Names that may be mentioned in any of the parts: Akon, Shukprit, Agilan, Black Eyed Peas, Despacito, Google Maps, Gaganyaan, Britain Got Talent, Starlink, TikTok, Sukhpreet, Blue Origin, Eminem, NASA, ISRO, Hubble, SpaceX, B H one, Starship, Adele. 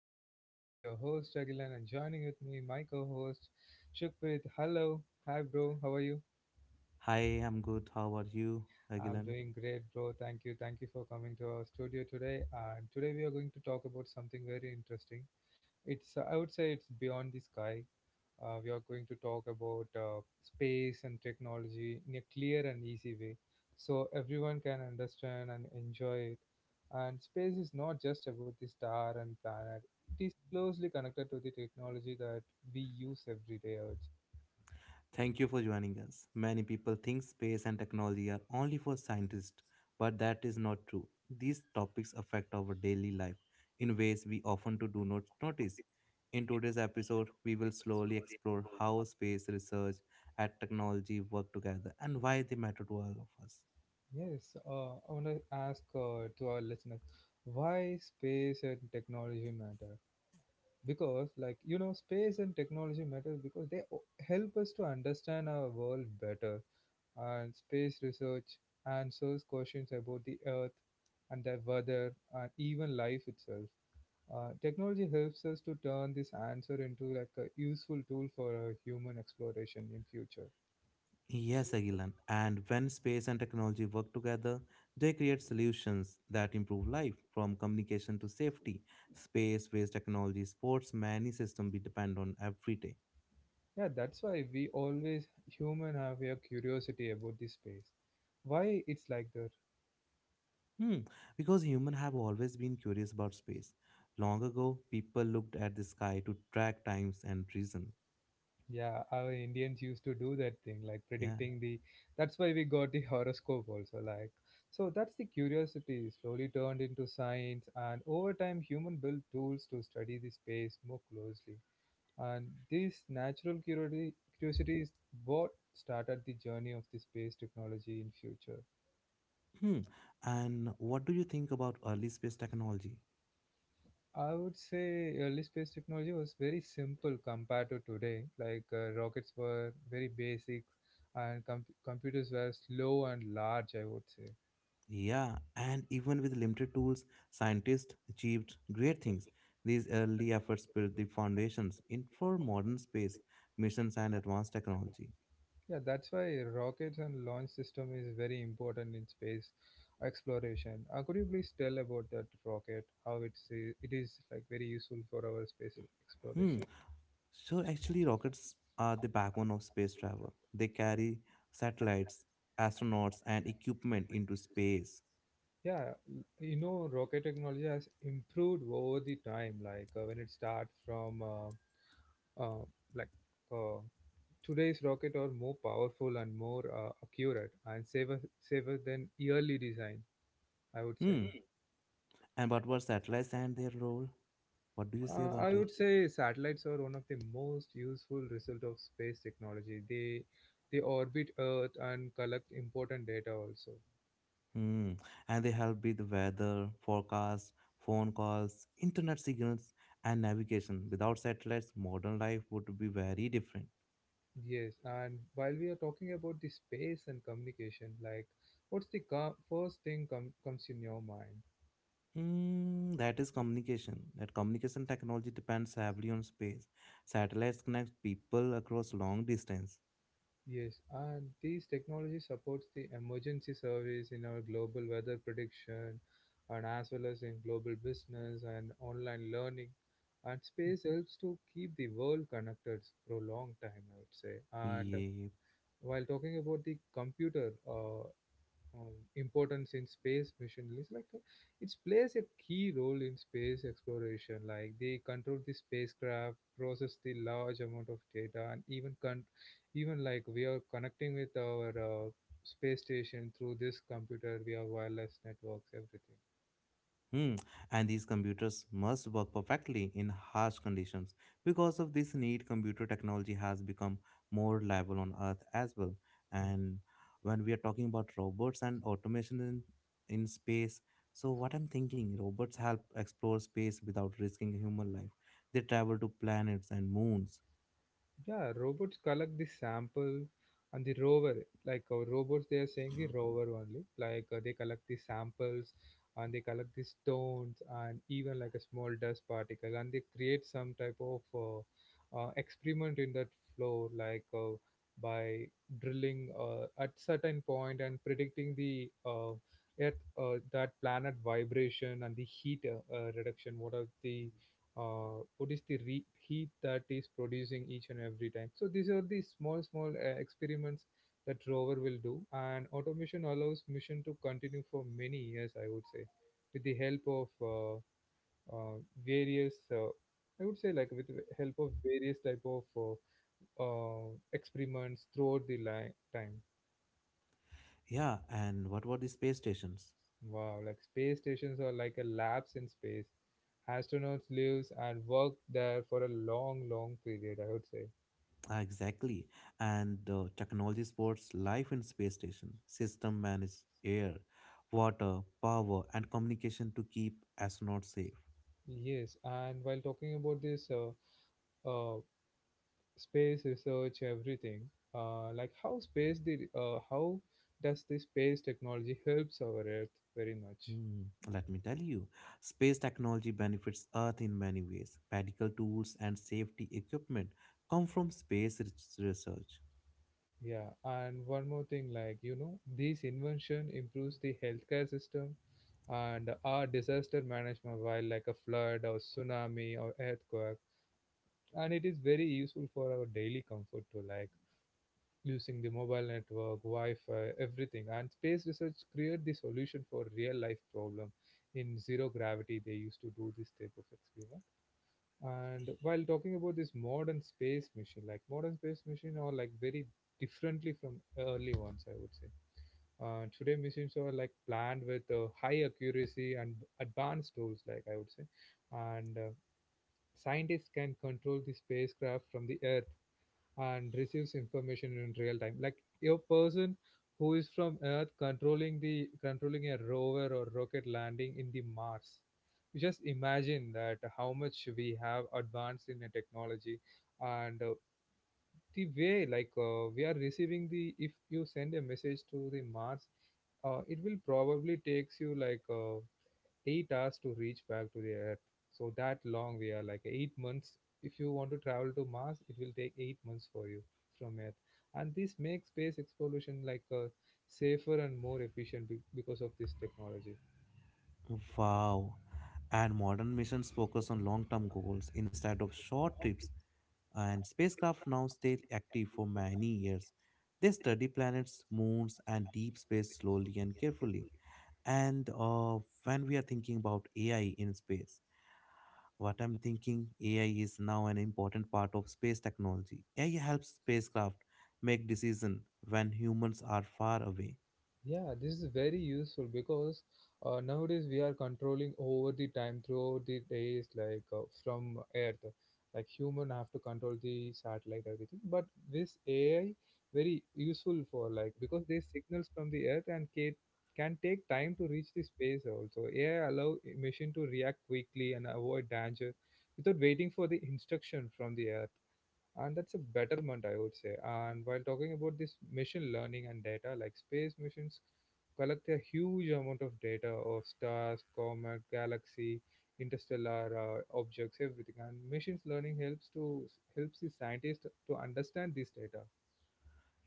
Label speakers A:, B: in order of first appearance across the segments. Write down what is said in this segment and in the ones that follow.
A: podcast. This is your host Agilan and joining with me my co-host Shukprit. Hello, hi bro, how are you?
B: Hi, I'm good. How are you,
A: I'm
B: Agilan?
A: doing great, bro. Thank you. Thank you for coming to our studio today. And today we are going to talk about something very interesting. It's I would say it's beyond the sky. We are going to talk about space and technology in a clear and easy way so everyone can understand and enjoy it. And space is not just about the star and planet, it is closely connected to the technology that we use every day. I would
B: Thank you for joining us. Many people think space and technology are only for scientists, but that is not true. These topics affect our daily life in ways we often do not notice. In today's episode, we will slowly explore how space research and technology work together and why they matter to all of us.
A: say. Yes, I want to ask to our listeners why space and technology matter because like you know space and technology matter because help us to understand our world better, and space research answers questions about the Earth and the weather and even life itself. Technology helps us to turn this answer into like a useful tool for human exploration in future.
B: Yes, Agilan. And when space and technology work together, they create solutions that improve life, from communication to safety. Space-based technology supports many systems we depend on every day.
A: Yeah, that's why we always human have a curiosity about this space. Why it's like that?
B: Hmm. Because humans have always been curious about space. Long ago, people looked at the sky to track times and reason.
A: Yeah, our Indians used to do that thing, like
B: Yeah.
A: predicting the. That's why we got the horoscope also. Like, so that's the curiosity slowly turned into science, and over time, human built tools to study the space more closely. And this natural curiosity is what started the journey of the space technology in future.
B: Hmm. And what do you think about early space technology?
A: I would say early space technology was very simple compared to today. Like rockets were very basic, and computers were slow and large. I would say,
B: Yeah, and even with limited tools, scientists achieved great things. These early efforts built the foundations in for modern space missions and advanced technology.
A: yeah, that's why rockets and launch system is very important in space exploration. Could you please tell about that rocket? How it's it is like very useful for our space
B: Hmm.
A: exploration?
B: So actually, rockets are the backbone of space travel. They carry satellites, astronauts, and equipment into space.
A: Yeah, you know, rocket technology has improved over the time. Like when it starts from uh, like. uh, Today's rocket are more powerful and more accurate and safer than yearly design, I would say.
B: Hmm. And what were satellites and their role? What do you say
A: I
B: about
A: would
B: it?
A: say satellites are one of the most useful result of space technology. They orbit Earth and collect important data also.
B: Hmm. And they help with weather, forecast, phone calls, internet signals, and navigation. Without satellites, modern life would be very different.
A: Yes, and while we are talking about the space and communication, like what's the first thing comes in your mind?
B: Mm, that is communication. That communication technology depends heavily on space. Satellites connect people across long distance.
A: Yes, and these technologies supports the emergency service in our global weather prediction and as well as in global business and online learning. And space helps to keep the world connected for a long time, I would say. And
B: Yeah.
A: while talking about the computer, importance in space mission is like it plays a key role in space exploration like they control the spacecraft process the large amount of data and even even like we are connecting with our space station through this computer via wireless networks everything.
B: Hmm. And these computers must work perfectly in harsh conditions. Because of this need, computer technology has become more reliable on Earth as well. And when we are talking about robots and automation in space, so what I'm thinking, robots help explore space without risking human life. They travel to planets and moons.
A: Yeah, robots collect the sample and the rover, like robots, they are saying the rover only. Like they collect the samples and they collect the stones and even like a small dust particle and they create some type of experiment in that floor, like by drilling at certain point and predicting the earth, that planet vibration and the heat reduction. What are the what is the heat that is producing each and every time, so these are the small small experiments that rover will do, and automation allows mission to continue for many years, I would say, with the help of uh, various I would say like with the help of various type of experiments throughout the time.
B: Yeah, and what about the space stations?
A: Wow, like space stations are like a labs in space. Astronauts lives and work there for a long long period, I would say.
B: Ah, exactly. And technology supports life in space station. System manage air, water, power, and communication to keep astronauts safe.
A: Yes, and while talking about this uh, space research, everything, like how space did, how does the space technology helps our Earth very much?
B: Hmm. Let me tell you, space technology benefits Earth in many ways. Medical tools and safety equipment come from space research.
A: Yeah, and one more thing, like you know, this invention improves the healthcare system and our disaster management, while like a flood or tsunami or earthquake, and it is very useful for our daily comfort too. Like using the mobile network, Wi-Fi, everything. And space research created the solution for real life problem. In zero gravity, they used to do this type of experiment. And while talking about this modern space mission, like modern space mission are like very differently from early ones, I would say. Today missions are like planned with high accuracy and advanced tools, like I would say, and scientists can control the spacecraft from the Earth and receives information in real time, like a person who is from earth controlling the controlling a rover or rocket landing in the mars. You just imagine that how much we have advanced in the technology. And the way like we are receiving the if you send a message to the mars it will probably takes you like 8 hours to reach back to the Earth. So that long we are like 8 months. If you want to travel to Mars, it will take 8 months for you from Earth. And this makes space exploration like safer and more efficient because of this technology.
B: Wow. And modern missions focus on long term goals instead of short trips, and spacecraft now stay active for many years. They study planets, moons, and deep space slowly and carefully. And When we are thinking about AI in space, what I'm thinking AI is now an important part of space technology. AI helps spacecraft make decisions when humans are far away.
A: Yeah, this is very useful because nowadays we are controlling over the time throughout the days, like from Earth. Like human have to control the satellite everything, but this AI very useful for like because they signals from the Earth and can take time to reach the space also. AI allow machine to react quickly and avoid danger without waiting for the instruction from the Earth, and that's a betterment, I would say. And while talking about this machine learning and data, like space missions collect a huge amount of data of stars comet galaxy interstellar objects everything, and machine learning helps to helps the scientists to understand this data.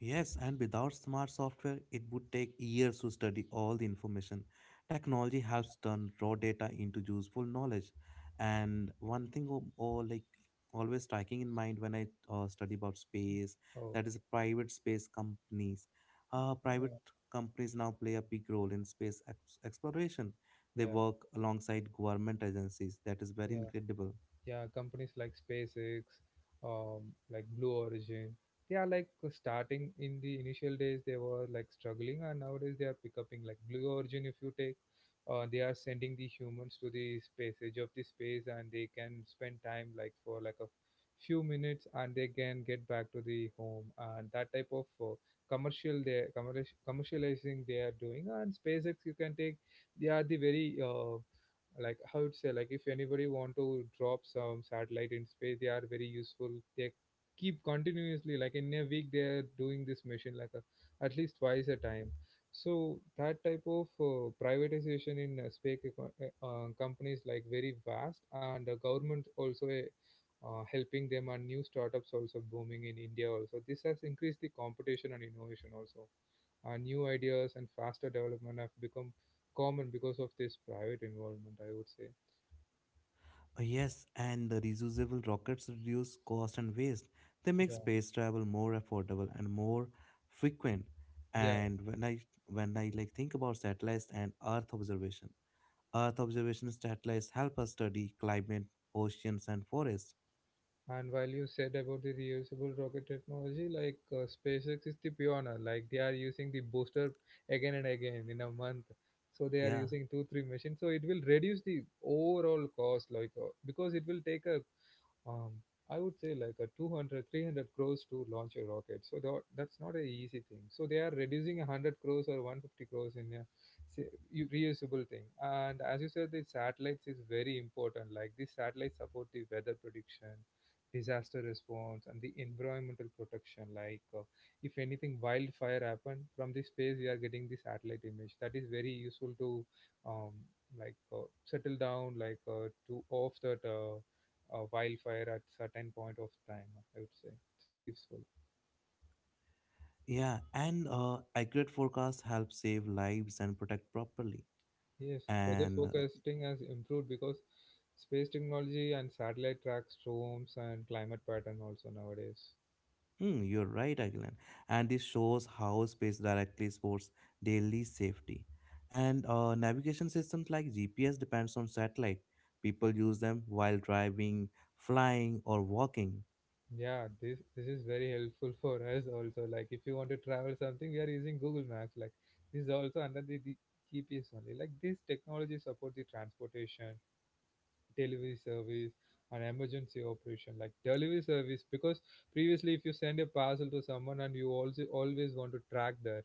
B: Yes, and without smart software, it would take years to study all the information. Technology helps turn raw data into useful knowledge. And one thing, or like always striking in mind when I study about space,
A: Oh,
B: that is private space companies. Private
A: yeah
B: companies now play a big role in space exploration. They
A: yeah
B: work alongside government agencies. That is very
A: yeah
B: incredible.
A: yeah companies like SpaceX, um, like Blue Origin, they are like starting in the initial days they were like struggling and nowadays they are picking. Like Blue Origin if you take, they are sending the humans to the space edge of the space and they can spend time like for like a few minutes and they can get back to the home, and that type of commercial they commercializing they are doing. And SpaceX you can take, they are the very like how would say like if anybody want to drop some satellite in space they are very useful. They keep continuously like in a week they are doing this mission like a, at least twice a time. So that type of privatization in space companies like very vast, and the government also helping them, and new startups also booming in india also. This has increased the competition and innovation also. New ideas and faster development have become common because of this private involvement, I would say.
B: Yes, and the reusable rockets reduce cost and waste. They make
A: Yeah.
B: space travel more affordable and more frequent.
A: Yeah,
B: And when I like think about satellites and Earth observation satellites help us study climate, oceans, and forests.
A: and while you said about the reusable rocket technology, like SpaceX is the pioneer, like they are using the booster again and again in a month. So they are
B: Yeah,
A: using two, three machines. So it will reduce the overall cost, like because it will take a um, I would say like a 200, 300 crores to launch a rocket. So that's not a easy thing. So they are reducing 100 crores or 150 crores in a reusable thing. And as you said, the satellites is very important. Like these satellites support the weather prediction, disaster response, and the environmental protection. Like if anything wildfire happened from the space, we are getting the satellite image. That is very useful to um, like settle down, like to off that. Wildfire at certain point of time. I would say it's very useful.
B: yeah, and accurate forecasts help save lives and protect properly.
A: Yes, weather
B: And
A: forecasting has improved because space technology and satellite tracks storms and climate pattern also nowadays.
B: hmm, you're right, Agilan. And this shows how space directly supports daily safety. And navigation systems like GPS depends on satellite. People use them while driving, flying, or walking.
A: Yeah, this is very helpful for us also. Like if you want to travel something, we are using Google Maps. Like this is also under the GPS only. Like this technology support the transportation delivery service an emergency operation like delivery service because previously if you send a parcel to someone and you also always want to track that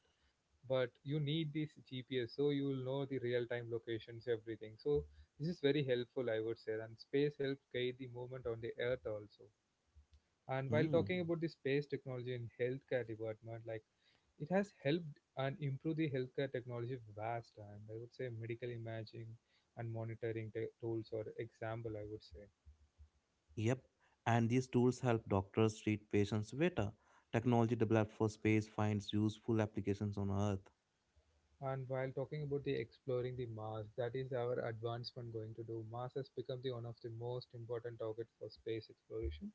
A: but you need this gps so you will know the real time locations everything so this is very helpful I would say. And space helps guide the movement on the earth also. And while
B: Hmm.
A: talking about the space technology in healthcare department, like it has helped and improved the healthcare technology vast, and I would say medical imaging and monitoring tools or example I would say.
B: Yep. And these tools help doctors treat patients better. Technology developed for space finds useful applications on Earth.
A: And while talking about the exploring the Mars, that is our advancement going to do. Mars has become the one of the most important target for space exploration.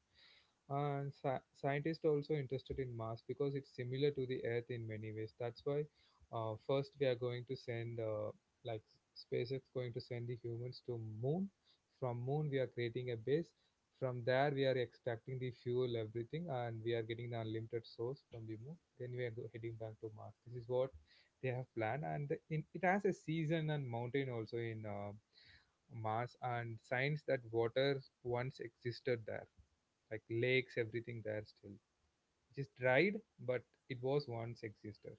A: And scientists are also interested in Mars because it's similar to the Earth in many ways. That's why first we are going to send, like SpaceX going to send the humans to Moon. From Moon we are creating a base. From there we are extracting the fuel, everything, and we are getting the unlimited source from the Moon. Then we are heading back to Mars. This is what they have planned. And in, it has a season and mountain also in mars, and signs that water once existed there, like lakes everything there. Still it is dried, but it was once existed.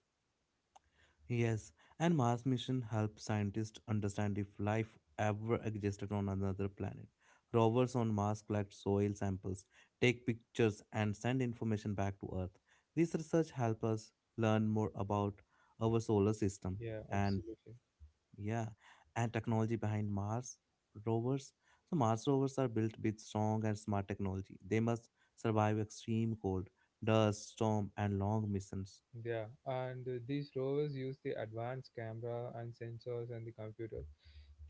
B: Yes, and Mars mission helped scientists understand if life ever existed on another planet. Rovers on Mars collect soil samples, take pictures, and send information back to Earth. This research helps us learn more about our solar system
A: Yeah,
B: and
A: absolutely.
B: yeah, and technology behind Mars rovers. So Mars rovers are built with strong and smart technology. They must survive extreme cold, dust, storm, and long missions.
A: Yeah, and these rovers use the advanced camera and sensors and the computer.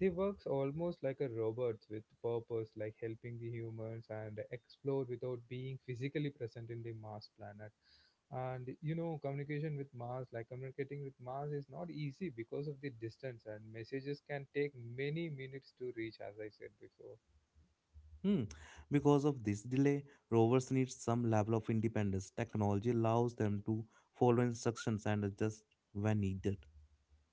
A: They works almost like a robots with purpose, like helping the humans and explore without being physically present in the Mars planet. And you know, communication with Mars, like communicating with Mars, is not easy because of the distance, and messages can take many minutes to reach, as I said before.
B: Hmm. Because of this delay, rovers need some level of independence. Technology allows them to follow instructions and adjust when needed.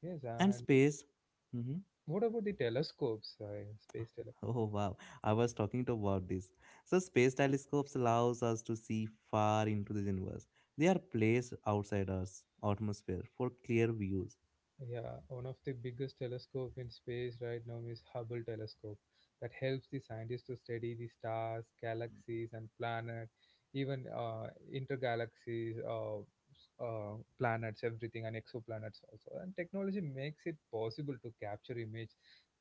A: Yes,
B: And
A: and
B: space. Hmm.
A: what about the telescopes, space telescopes?
B: Oh wow, I was talking to about this. So space telescopes allows us to see far into the universe. They are placed outside Earth's atmosphere for clear views.
A: Yeah, one of the biggest telescope in space right now is Hubble telescope that helps the scientists to study the stars, galaxies and planet, even intergalaxies, planets, everything and exoplanets also. And technology makes it possible to capture images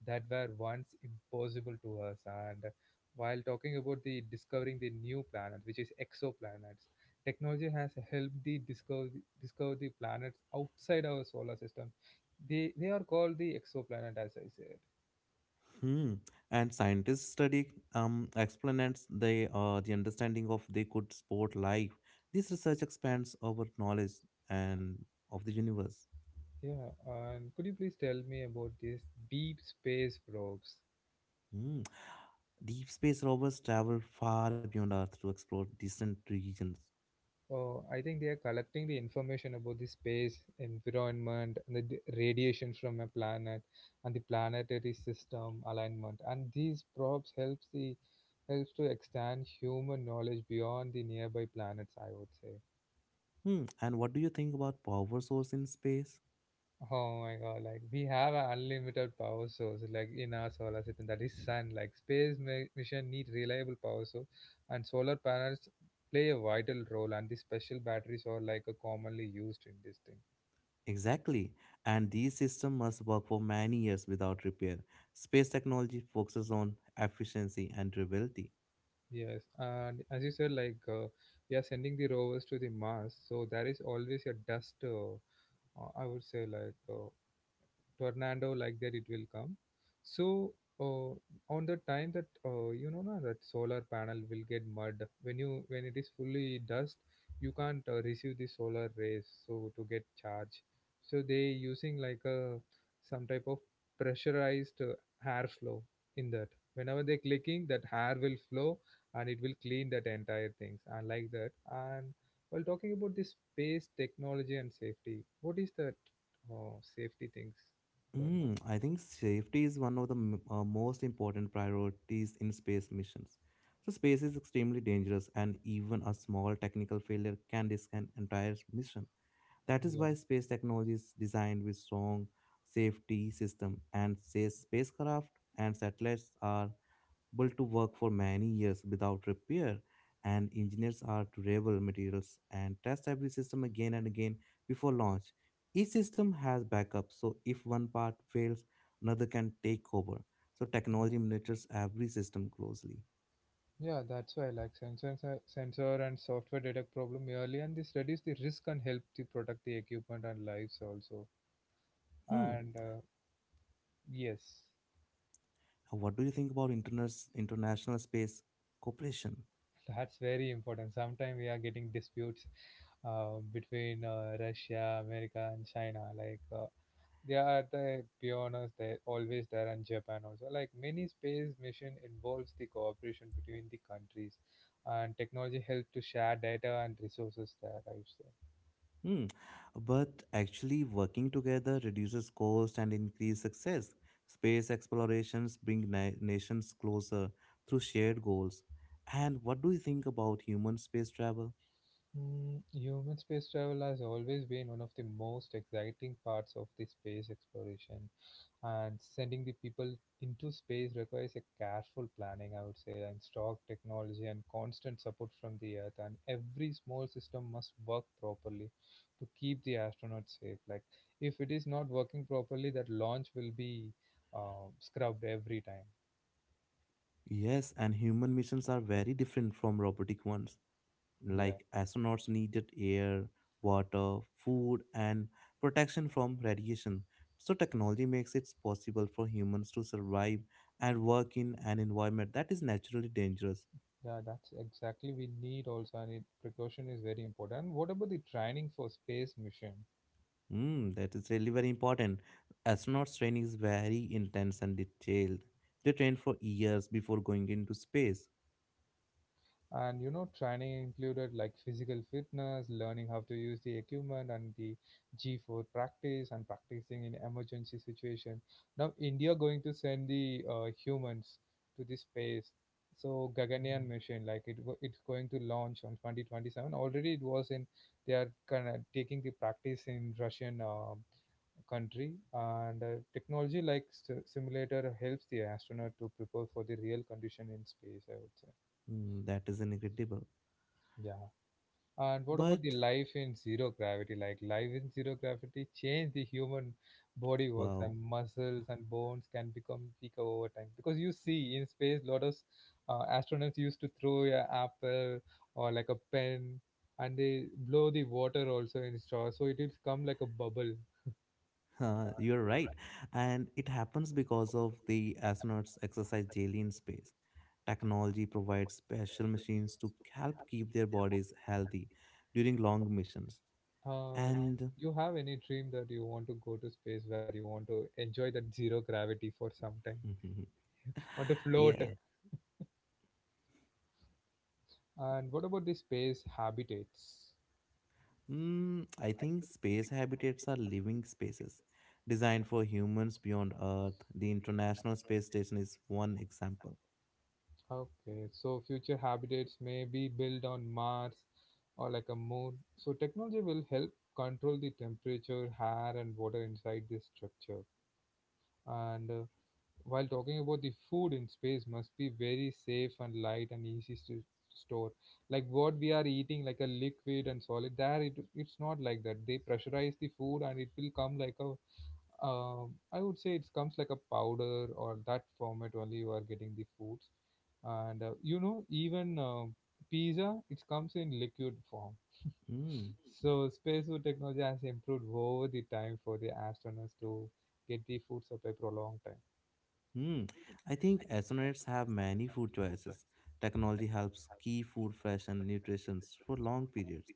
A: that were once impossible to us. And while talking about the discovering the new planet, which is exoplanets, technology has helped the discover discover the planets outside our solar system. They are called the exoplanet, as I said.
B: Hmm. And scientists study explanates. They the understanding of they could support life. This research expands our knowledge and of the universe.
A: Yeah, and could you please tell me about these deep space probes?
B: Hmm. Deep space rovers travel far beyond Earth to explore distant regions.
A: Oh, I think they are collecting the information about the space environment and the radiation from a planet and the planetary system alignment. And these probes helps the helps to extend human knowledge beyond the nearby planets, I would say.
B: Hmm. And what do you think about power source in space?
A: Oh my god, like we have an unlimited power source like in our solar system, that is sun. Like space mission need reliable power source and solar panels play a vital role, and the special batteries are like commonly used in this thing.
B: Exactly. And these systems must work for many years without repair. Space technology focuses on efficiency and durability.
A: Yes, and as you said, like we are sending the rovers to the Mars, so there is always a dust I would say like tornado like that it will come. So uh, on the time that you know na, that solar panel will get mud when you when it is fully dust, you can't receive the solar rays so to get charge. So they using like a some type of pressurized hair flow in that. Whenever they clicking that air will flow, and it will clean that entire things and like that. And while talking about this space technology and safety, what is that safety things going on?
B: Mm, I think safety is one of the most important priorities in space missions. So, space is extremely dangerous, and even a small technical failure can risk an entire mission. That is
A: Yeah,
B: why space technology is designed with strong safety system, and safe spacecraft and satellites are able to work for many years without repair, and engineers are to revel materials and test every system again and again before launch. Each system has backups, so if one part fails, another can take over. So
A: yeah,
B: technology monitors every system closely.
A: yeah. That's why, like, sensor and software detect problem early, and this reduce the risk and help to protect the equipment and lives also.
B: Hmm.
A: And yes,
B: What do you think about international space cooperation?
A: that's very important. Sometimes we are getting disputes between Russia, America, and China. Like, they are the pioneers. They always there, and Japan also. Like, many space mission involves the cooperation between the countries, and technology help to share data and resources there, I would say.
B: Hmm. But actually, working together reduces cost and increase success. Space explorations bring nations closer through shared goals. And what do you think about human space travel?
A: Mm, human space travel has always been one of the most exciting parts of the space exploration, and sending the people into space requires a careful planning, I would say, and stock technology and constant support from the Earth. And every small system must work properly to keep the astronauts safe. Like, if it is not working properly, that launch will be scrubbed every time.
B: Yes, and human missions are very different from robotic ones.
A: Yeah.
B: Like astronauts needed air, water, food, and protection from radiation. So, technology makes it possible for humans to survive and work in an environment that is naturally dangerous.
A: Yeah, that's exactly we need also, and it, precaution is very important. What about the training for space mission?
B: Mm, that is really very important. Astronauts training is very intense and detailed. They train for years before going into space.
A: And you know, training included like physical fitness, learning how to use the equipment, and the G4 practice and practicing in emergency situation. Now, India going to send the humans to the space. So Gaganyaan mission, like it, it's going to launch on 2027. Already it was in. They are kind of taking the practice in Russian country, and technology like simulator helps the astronaut to prepare for the real condition in space, I would say.
B: Mm, that is incredible.
A: Yeah, and what about the
B: But
A: life in zero gravity? Like life in zero gravity change the human body works,
B: wow,
A: and muscles and bones can become weaker over time because you see in space lot of astronauts used to throw a apple or like a pen, and they blow the water also in straw so it will come like a bubble.
B: you're right. And it happens because of the astronauts exercise daily in space. Technology provides special machines to help keep their bodies healthy during long missions.
A: Uh,
B: And
A: you have any dream that you want to go to space, where you want to enjoy that zero gravity for some time, want to float?
B: yeah.
A: And what about the space habitats?
B: Mm, I think space habitats are living spaces designed for humans beyond Earth. The International Space Station is one example.
A: Okay, so future habitats may be built on Mars or like a moon. So technology will help control the temperature, air, and water inside this structure. And while talking about the food in space, must be very safe and light and easy to store. Like what we are eating, like a liquid and solid, there it, it's not like that. They pressurize the food and it will come like a, I would say it comes like a powder or that format only you are getting the foods. And you know, even pizza, it comes in liquid form.
B: Mm.
A: So space food technology has improved over the time for the astronauts to get the food supply for a long time.
B: Mm, I think astronauts have many food choices. Technology helps keep food fresh and nutritious for long periods.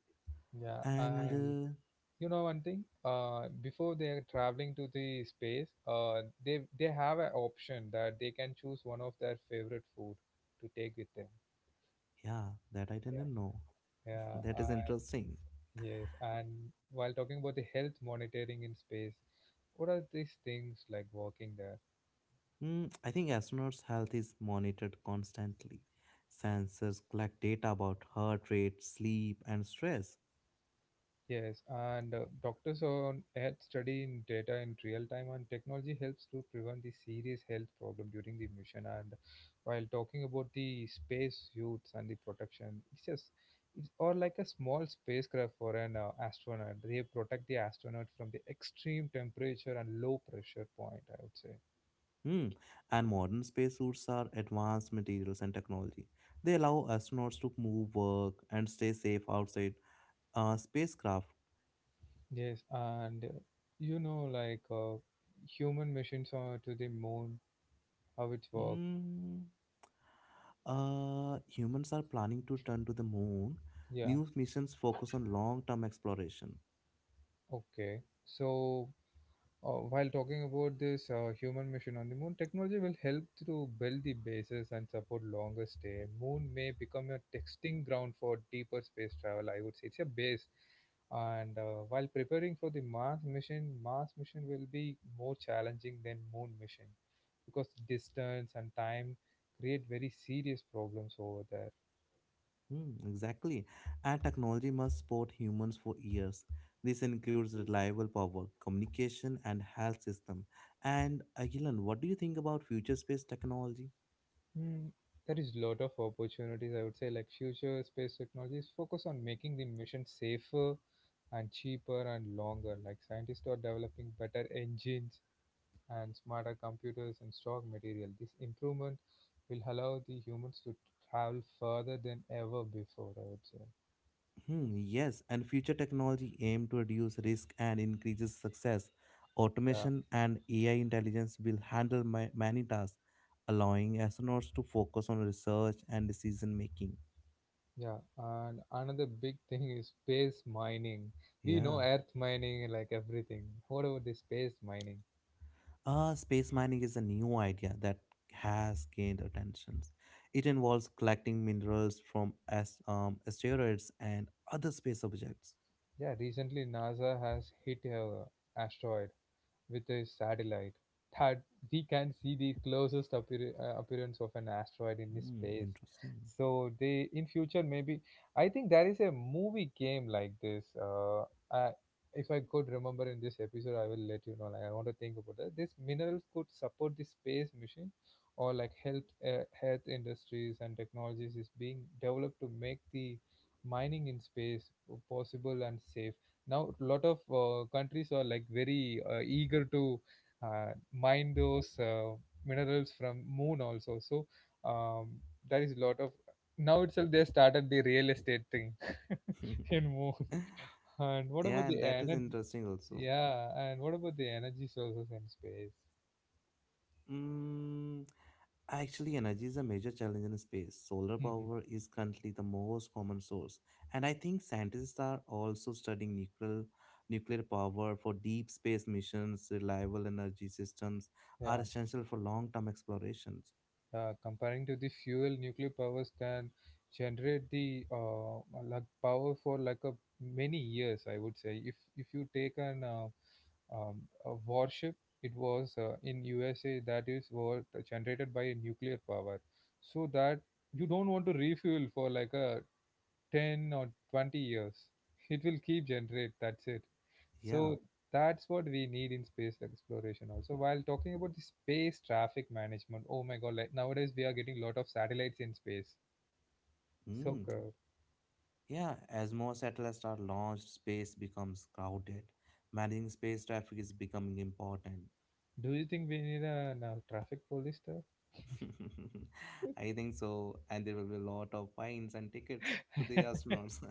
A: Yeah,
B: And
A: and you know one thing, before they are traveling to the space, they have an option that they can choose one of their favorite food to take with them.
B: yeah, that I didn't know.
A: Yeah,
B: That is interesting.
A: yes. And while talking about the health monitoring in space, what are these things like working there?
B: Mm, I think astronauts' health is monitored constantly. Sensors collect data about heart rate, sleep, and stress.
A: Yes, and doctors on Earth study in data in real time, and technology helps to prevent the serious health problem during the mission. And while talking about the space suits and the protection, it's just it's or like a small spacecraft for an astronaut. They protect the astronaut from the extreme temperature and low pressure point, I would say.
B: Hmm. And modern spacesuits are advanced materials and technology. They allow astronauts to move, work, and stay safe outside spacecraft.
A: Yes, and you know like human missions to the moon, how it work.
B: Hmm. Humans are planning to return to the moon.
A: Yeah,
B: New missions focus on long term exploration.
A: okay, so. While talking about this human mission on the moon, technology will help to build the bases and support longer stay. Moon may become a testing ground for deeper space travel, I would say it's a base. And while preparing for the Mars mission will be more challenging than Moon mission because distance and time create very serious problems over there.
B: Hmm, exactly. And technology must support humans for years. This includes reliable power, communication, and health system. And Agilan, what do you think about future space technology?
A: Hmm, there is lot of opportunities. I would say like future space technologies focus on making the mission safer and cheaper and longer. Like scientists are developing better engines and smarter computers and stock material. This improvement will allow the humans to travel further than ever before, I would say.
B: Hmm, yes, and future technology aim to reduce risk and increases success.
A: Yeah,
B: Automation and AI intelligence will handle many tasks, allowing astronauts to focus on research and decision making.
A: yeah. And another big thing is space mining. We know
B: Yeah.
A: Earth mining, like everything. What about the space mining?
B: Space mining is a new idea that has gained attention. It involves collecting minerals from asteroids and other space objects.
A: Yeah, recently NASA has hit a asteroid with a satellite, that we can see the closest appearance of an asteroid in the
B: Hmm,
A: space.
B: interesting.
A: So they in future, maybe I think there is a movie game like this. I, if I could remember in this episode, I will let you know. Like I want to think about that. This minerals could support the space mission, or like help health industries, and technologies is being developed to make the mining in space possible and safe. Now, a lot of countries are like very eager to mine those minerals from moon also. So um, there is a lot of now itself they started the real estate thing in moon. And what
B: Yeah,
A: about
B: and
A: the
B: that is
A: energy?
B: interesting also.
A: Yeah, and what about the energy sources in space?
B: Mm, actually, energy is a major challenge in space. Solar
A: Mhm.
B: power is currently the most common source, and I think scientists are also studying nuclear power for deep space missions. Reliable energy systems are
A: Yeah.
B: essential for long-term explorations.
A: Uh, comparing to the fuel, nuclear powers can generate the like power for like a many years, I would say. If you take an a warship, it was in usa, that is was generated by a nuclear power, so that you don't want to refuel for like a 10 or 20 years. It will keep generate, that's it.
B: Yeah,
A: So that's what we need in space exploration also. While talking about the space traffic management, oh my god, like nowadays we are getting a lot of satellites in space. So,
B: mm. Yeah. As more satellites are launched, space becomes crowded. Managing space traffic is becoming important.
A: do you think we need a traffic police there?
B: I think so, and there will be a lot of fines and tickets to the astronauts.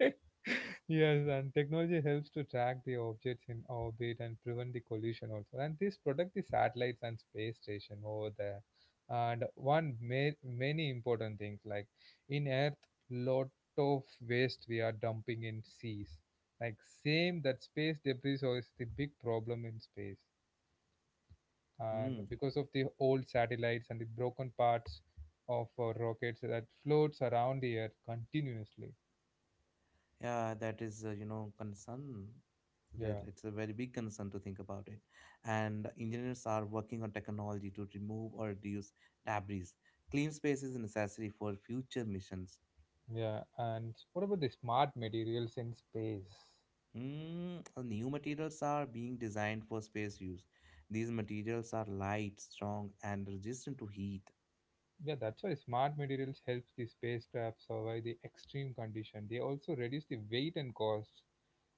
A: Yes, and technology helps to track the objects in orbit and prevent the collision also. And this protect the satellites and space station over there. And one many important things like in Earth, lot of waste we are dumping in seas. Like same that space debris so is the big problem in space. And
B: Hmm.
A: because of the old satellites and the broken parts of rockets that floats around the Earth continuously.
B: Yeah, that is, you know, concern. That
A: Yeah.
B: it's a very big concern to think about it. And engineers are working on technology to remove or reduce debris. Clean space is necessary for future missions.
A: Yeah, and what about the smart materials in space?
B: Hmm. New materials are being designed for space use. These materials are light, strong, and resistant to heat.
A: Yeah, that's why smart materials helps the spacecraft survive the extreme condition. They also reduce the weight and cost.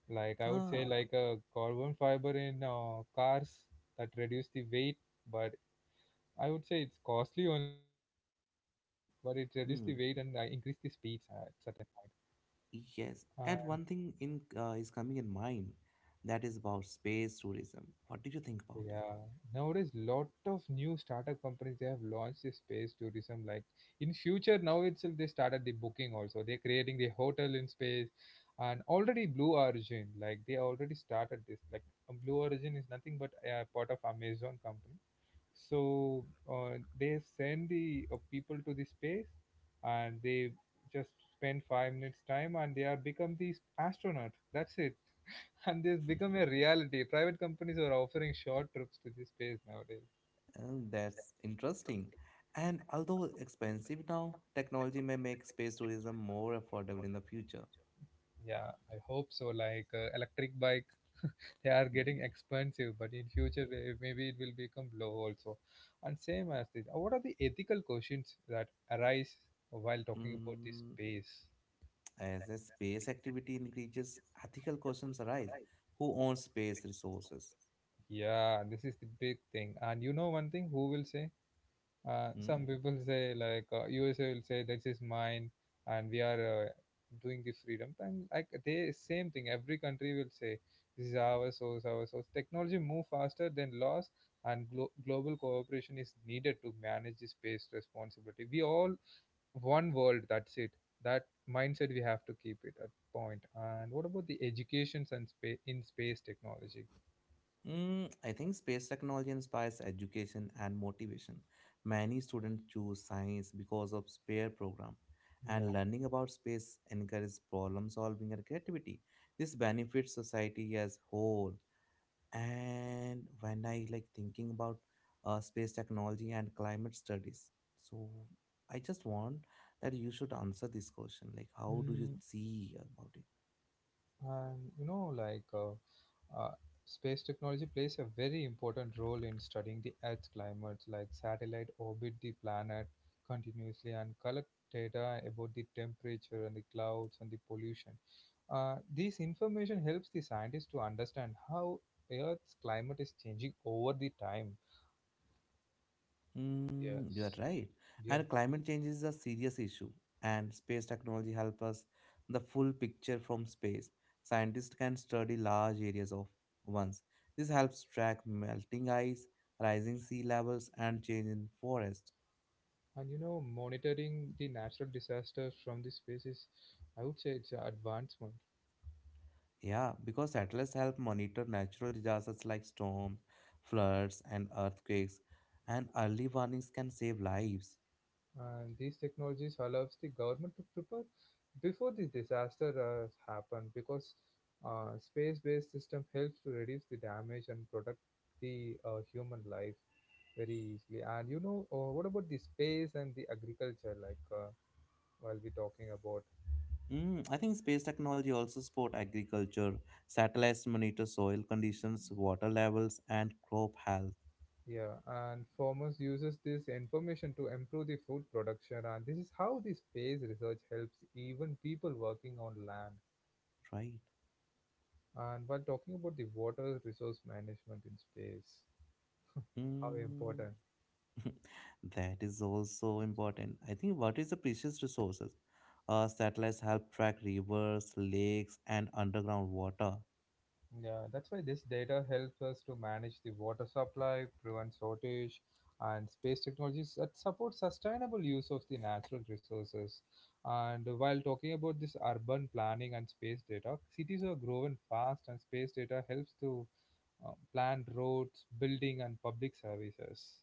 A: Like I would say,
B: Ah,
A: like a carbon fiber in cars that reduce the weight, but I would say it's costly only still, but it reduce the weight and increase
B: hmm.
A: the speeds at certain point.
B: Yes.
A: Uh,
B: And one thing in is coming in mind that is about space tourism. What do you think about it?
A: Yeah, nowadays lot of new startup companies they have launched this space tourism. Like in future, now itself they started the booking also. They're creating the hotel in space, and already Blue Origin like they already started this. Like Blue Origin is nothing but a part of Amazon company. So they send the people to the space, and they just spend 5 minutes time, and they are become the astronaut. That's it and this become a reality. Private companies are offering short trips to this space nowadays.
B: Oh, that's interesting. And although expensive now, technology may make space tourism more affordable in the future.
A: Yeah, I hope so. Like electric bike, they are
B: Hmm.
A: getting expensive, but in future maybe it will become low also. And same as this, what are the ethical questions that arise while talking about this
B: Mm,
A: space?
B: as a space activity increases, ethical questions arise. Who owns space resources?
A: Yeah, this is the big thing. And you know one thing, who will say?
B: Hmm?
A: Some people say like USA will say this is mine and we are doing this freedom thing. Like they same thing every country will say this is our source, our source technology move faster than laws, and global cooperation is needed to manage this space responsibility. We all one world, that's it, that mindset we have to keep it at point. And what about the educations and in space technology?
B: Mm, I think space technology inspires education and motivation. Many students choose science because of spare program, and
A: Yeah.
B: learning about space encourages problem solving and creativity. This benefits society as whole. And when I like thinking about space technology and climate studies, so I just want that you should answer this question, like how do you
A: Mm,
B: see about it.
A: and you know, like uh, space technology plays a very important role in studying the Earth's climate, like satellite orbit the planet continuously and collect data about the temperature and the clouds and the pollution. This information helps the scientists to understand how Earth's climate is changing over the time.
B: Mm, you are
A: Yes.
B: right.
A: Yeah,
B: And climate change is a serious issue, and space technology help us the full picture from space. Scientists can study large areas of once. This helps track melting ice, rising sea levels, and change in forests.
A: and you know, monitoring the natural disasters from the space is, I would say, it's an advancement.
B: Yeah, because satellites help monitor natural disasters like storms, floods, and earthquakes, and early warnings can save lives.
A: And these technologies allows the government to prepare before the disaster has happened because space-based system helps to reduce the damage and protect the human life very easily. And you know, what about the space and the agriculture? Like while we talking about,
B: Mm, I think space technology also support agriculture. Satellites monitor soil conditions, water levels, and crop health.
A: yeah, and farmers uses this information to improve the food production, and this is how the space research helps even people working on land.
B: Right.
A: And while talking about the water resource management in space, how
B: Mm,
A: important.
B: that is also important. I think water is a precious resources. Satellites help track rivers, lakes, and underground water.
A: Yeah, that's why this data helps us to manage the water supply, prevent shortage, and space technologies that support sustainable use of the natural resources. And while talking about this urban planning and space data, cities are growing fast, and space data helps to plan roads, building, and public services.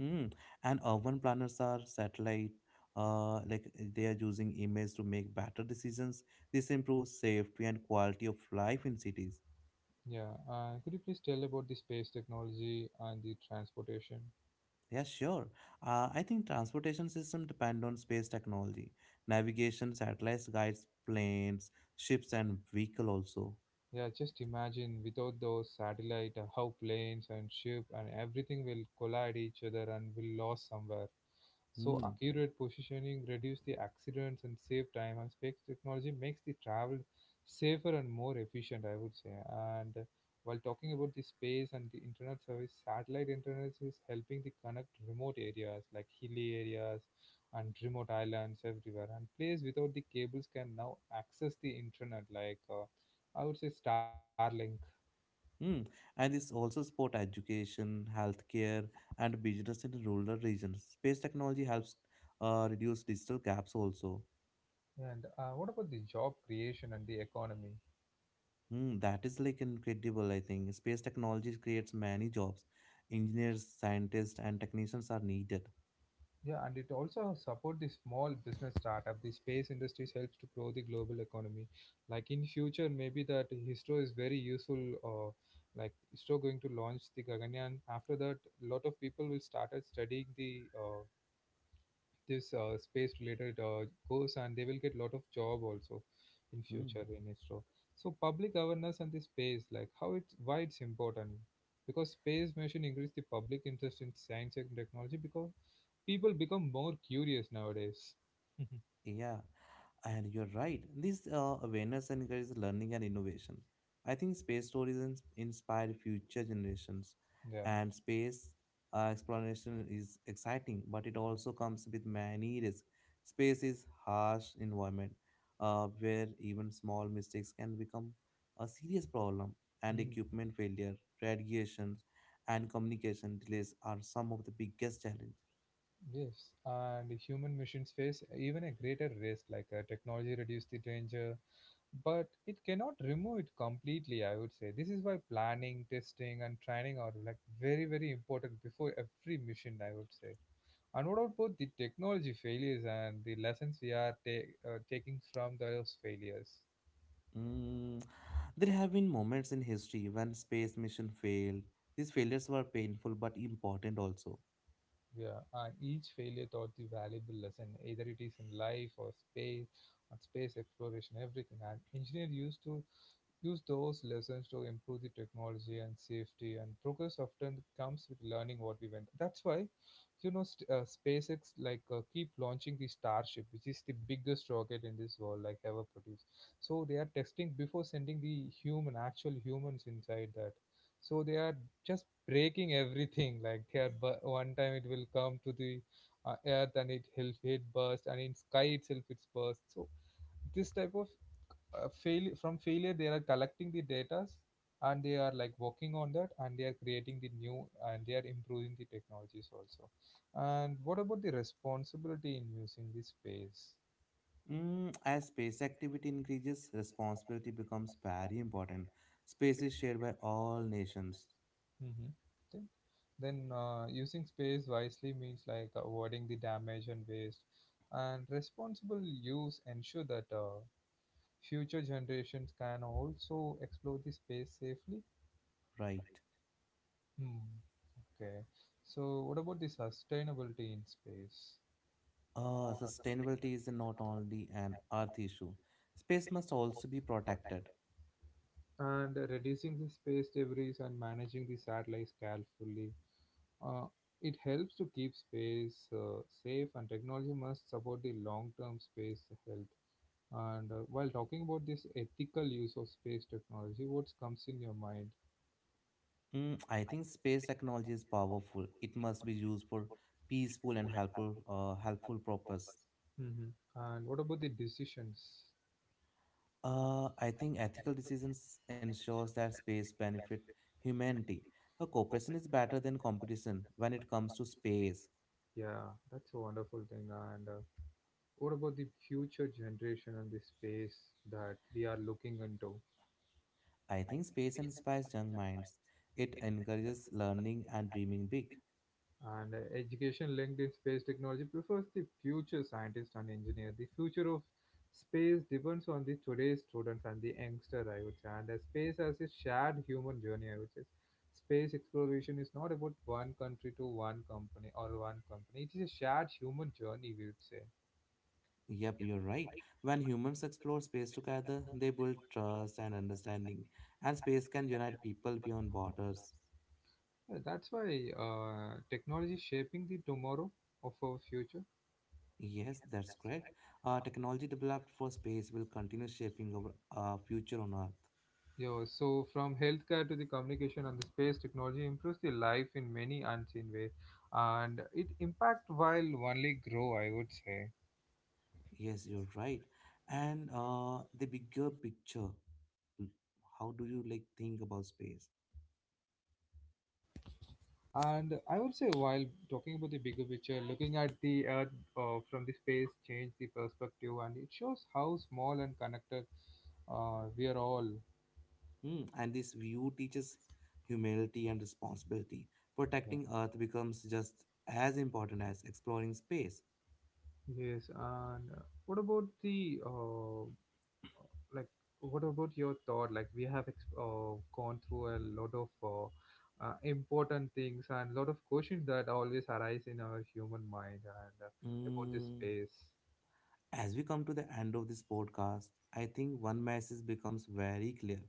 B: Mm. And urban planners are satellite, like they are using images to make better decisions. This improves safety and quality of life in cities.
A: Yeah, could you please tell about the space technology and the transportation?
B: Yeah, sure. I think transportation system depend on space technology. Navigation, satellites guides planes, ships, and vehicle also.
A: Yeah, just imagine without those satellite how planes and ship and everything will collide each other and will lost somewhere. So
B: Mm.
A: accurate positioning reduce the accidents and save time and space technology makes the travel safer and more efficient, I would say. And while talking about the space and the internet service, satellite internet is helping to connect remote areas like hilly areas and remote islands everywhere. And place without the cables can now access the internet like I would say Starlink.
B: Mm. And this also support education, healthcare, and business in rural regions. Space technology helps reduce digital gaps also.
A: And what about the job creation and the economy?
B: Hmm, that is like incredible, I think. Space technology creates many jobs. Engineers, scientists, and technicians are needed.
A: Yeah, and it also support the small business startup. The space industries helps to grow the global economy. Like in future, maybe that Histro is very useful. Uh, like Histro going to launch the Gaganyaan. After that, lot of people will started studying the this space related goes and they will get lot of job also in
B: Hmm.
A: future in ISRO. So public awareness and the space, like how it's why it's important, because space mission increase the public interest in science and technology because people become more curious nowadays.
B: Yeah, and you're right. This awareness encourages learning and innovation. I think space tourism inspire future generations,
A: Yeah.
B: and space exploration is exciting, but it also comes with many risks. Space is harsh environment, where even small mistakes can become a serious problem, and
A: Mm.
B: equipment failure, radiations, and communication delays are some of the biggest challenges.
A: Yes, and human missions face even a greater risk, like technology reduce the danger, but it cannot remove it completely, I would say. This is why planning, testing and training are like very important before every mission, I would say. And what about both the technology failures and the lessons we are taking from those failures?
B: Mm, there have been moments in history when space mission failed. These failures were painful but important also.
A: Yeah, and each failure taught the valuable lesson, either it is in life or space, on space exploration everything, and engineer used to use those lessons to improve the technology and safety, and progress often comes with learning what we went. That's why, you know, SpaceX like keep launching the Starship, which is the biggest rocket in this world like ever produced. So they are testing before sending the human, actual humans inside that. So they are just breaking everything. Like they are, one time it will come to the Earth and it will hit burst, and in sky itself it's burst. So this type of fail from failure they are collecting the data and they are like working on that and they are creating the new and they are improving the technologies also. And what about the responsibility in using the space?
B: Mm, as space activity increases, responsibility becomes very important. Space is shared by all nations,
A: Hmm. Then, then uh, using space wisely means like avoiding the damage and waste, and responsible use ensure that future generations can also explore the space safely.
B: right?
A: Hmm. Okay, so what about the sustainability in space?
B: Sustainability is not only an earth issue. Space must also be protected.
A: And reducing the space debris and managing the satellites carefully. Uh, it helps to keep space safe, and technology must support the long term space health. And while talking about this ethical use of space technology, what comes in your mind?
B: Mm, I think space technology is powerful. It must be used for peaceful and helpful, helpful purpose.
A: Hmm. And what about the decisions?
B: I think ethical decisions ensures that space benefit humanity. A cooperation is better than competition when it comes to space.
A: Yeah, that's a wonderful thing. And what about the future generation and the space that we are looking into?
B: I think space inspires young minds. It encourages learning and dreaming big.
A: And education linked in space technology prefers the future scientist and engineer. The future of space depends on the today's students and the youngster, I would say. And space as a shared human journey, I would say. Space exploration is not about one country to one company or one company. It is a shared human journey, we would say.
B: Yep, you're right. When humans explore space together, they build trust and understanding, and space can unite people beyond borders.
A: That's why technology is shaping the tomorrow of our future.
B: Yes, that's correct. Technology developed for space will continue shaping our future on Earth.
A: Yeah, so from healthcare to the communication and the space technology improves the life in many unseen way, and it impact while only grow, I would say.
B: Yes, you're right. And the bigger picture, l- how do you like think about space?
A: And I would say while talking about the bigger picture, looking at the Earth from the space change the perspective, and it shows how small and connected we are all.
B: Hmm. And this view teaches humility and responsibility.
A: Yeah.
B: Protecting Earth becomes just as important as exploring space.
A: Yes, and what about the like what about your thought like we have gone through a lot of important things and lot of questions that always arise in our human mind and about this
B: Hmm.
A: space.
B: As we come to the end of this podcast, I think one message becomes very clear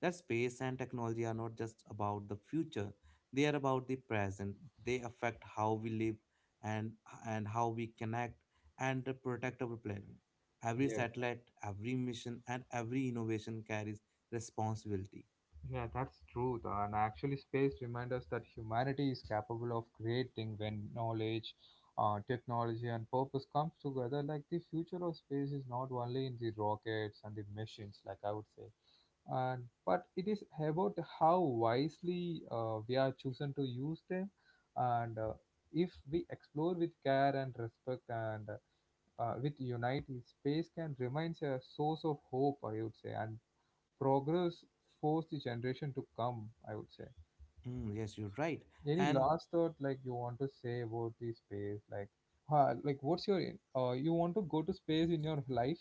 B: that space and technology are not just about the future, they are about the present. They affect how we live and, and how we connect and to protect our planet. Every
A: Yes,
B: satellite, every mission, and every innovation carries responsibility.
A: yeah, that's true, and actually space reminds us that humanity is capable of creating when knowledge, technology and purpose comes together, like the future of space is not only in the rockets and the machines, like I would say, and but it is about how wisely we are chosen to use them. And if we explore with care and respect and with unity, space can remain a source of hope, I would say, and progress for the generation to come, I would say.
B: Mm, yes, you're right.
A: Any
B: And
A: last thought like you want to say about the space? Like like what's your you want to go to space in your life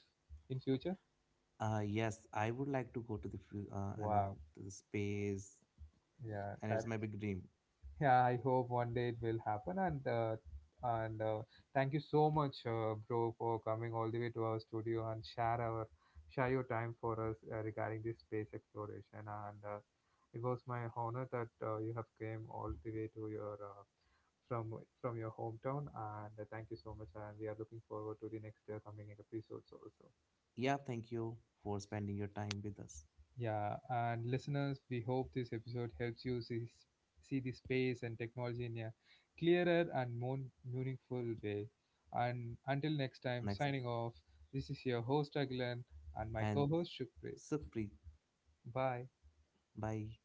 A: in future?
B: yes, I would like to go to the, I
A: Wow,
B: mean, to the space,
A: yeah,
B: and
A: that.
B: it's my big dream.
A: Yeah, I hope one day it will happen. And thank you so much, bro, for coming all the way to our studio and share our share your time for us regarding this space exploration. And it was my honor that you have came all the way to your from from your hometown. And thank you so much. And we are looking forward to the next coming episodes also.
B: Yeah, thank you for spending your time with us.
A: Yeah, and listeners, we hope this episode helps you see the space and technology in a clearer and more meaningful way. And until next time,
B: Next,
A: signing off, this is your host Agilan and my
B: and
A: co host Shukrit.
B: Sukhpreet,
A: Bye.
B: bye.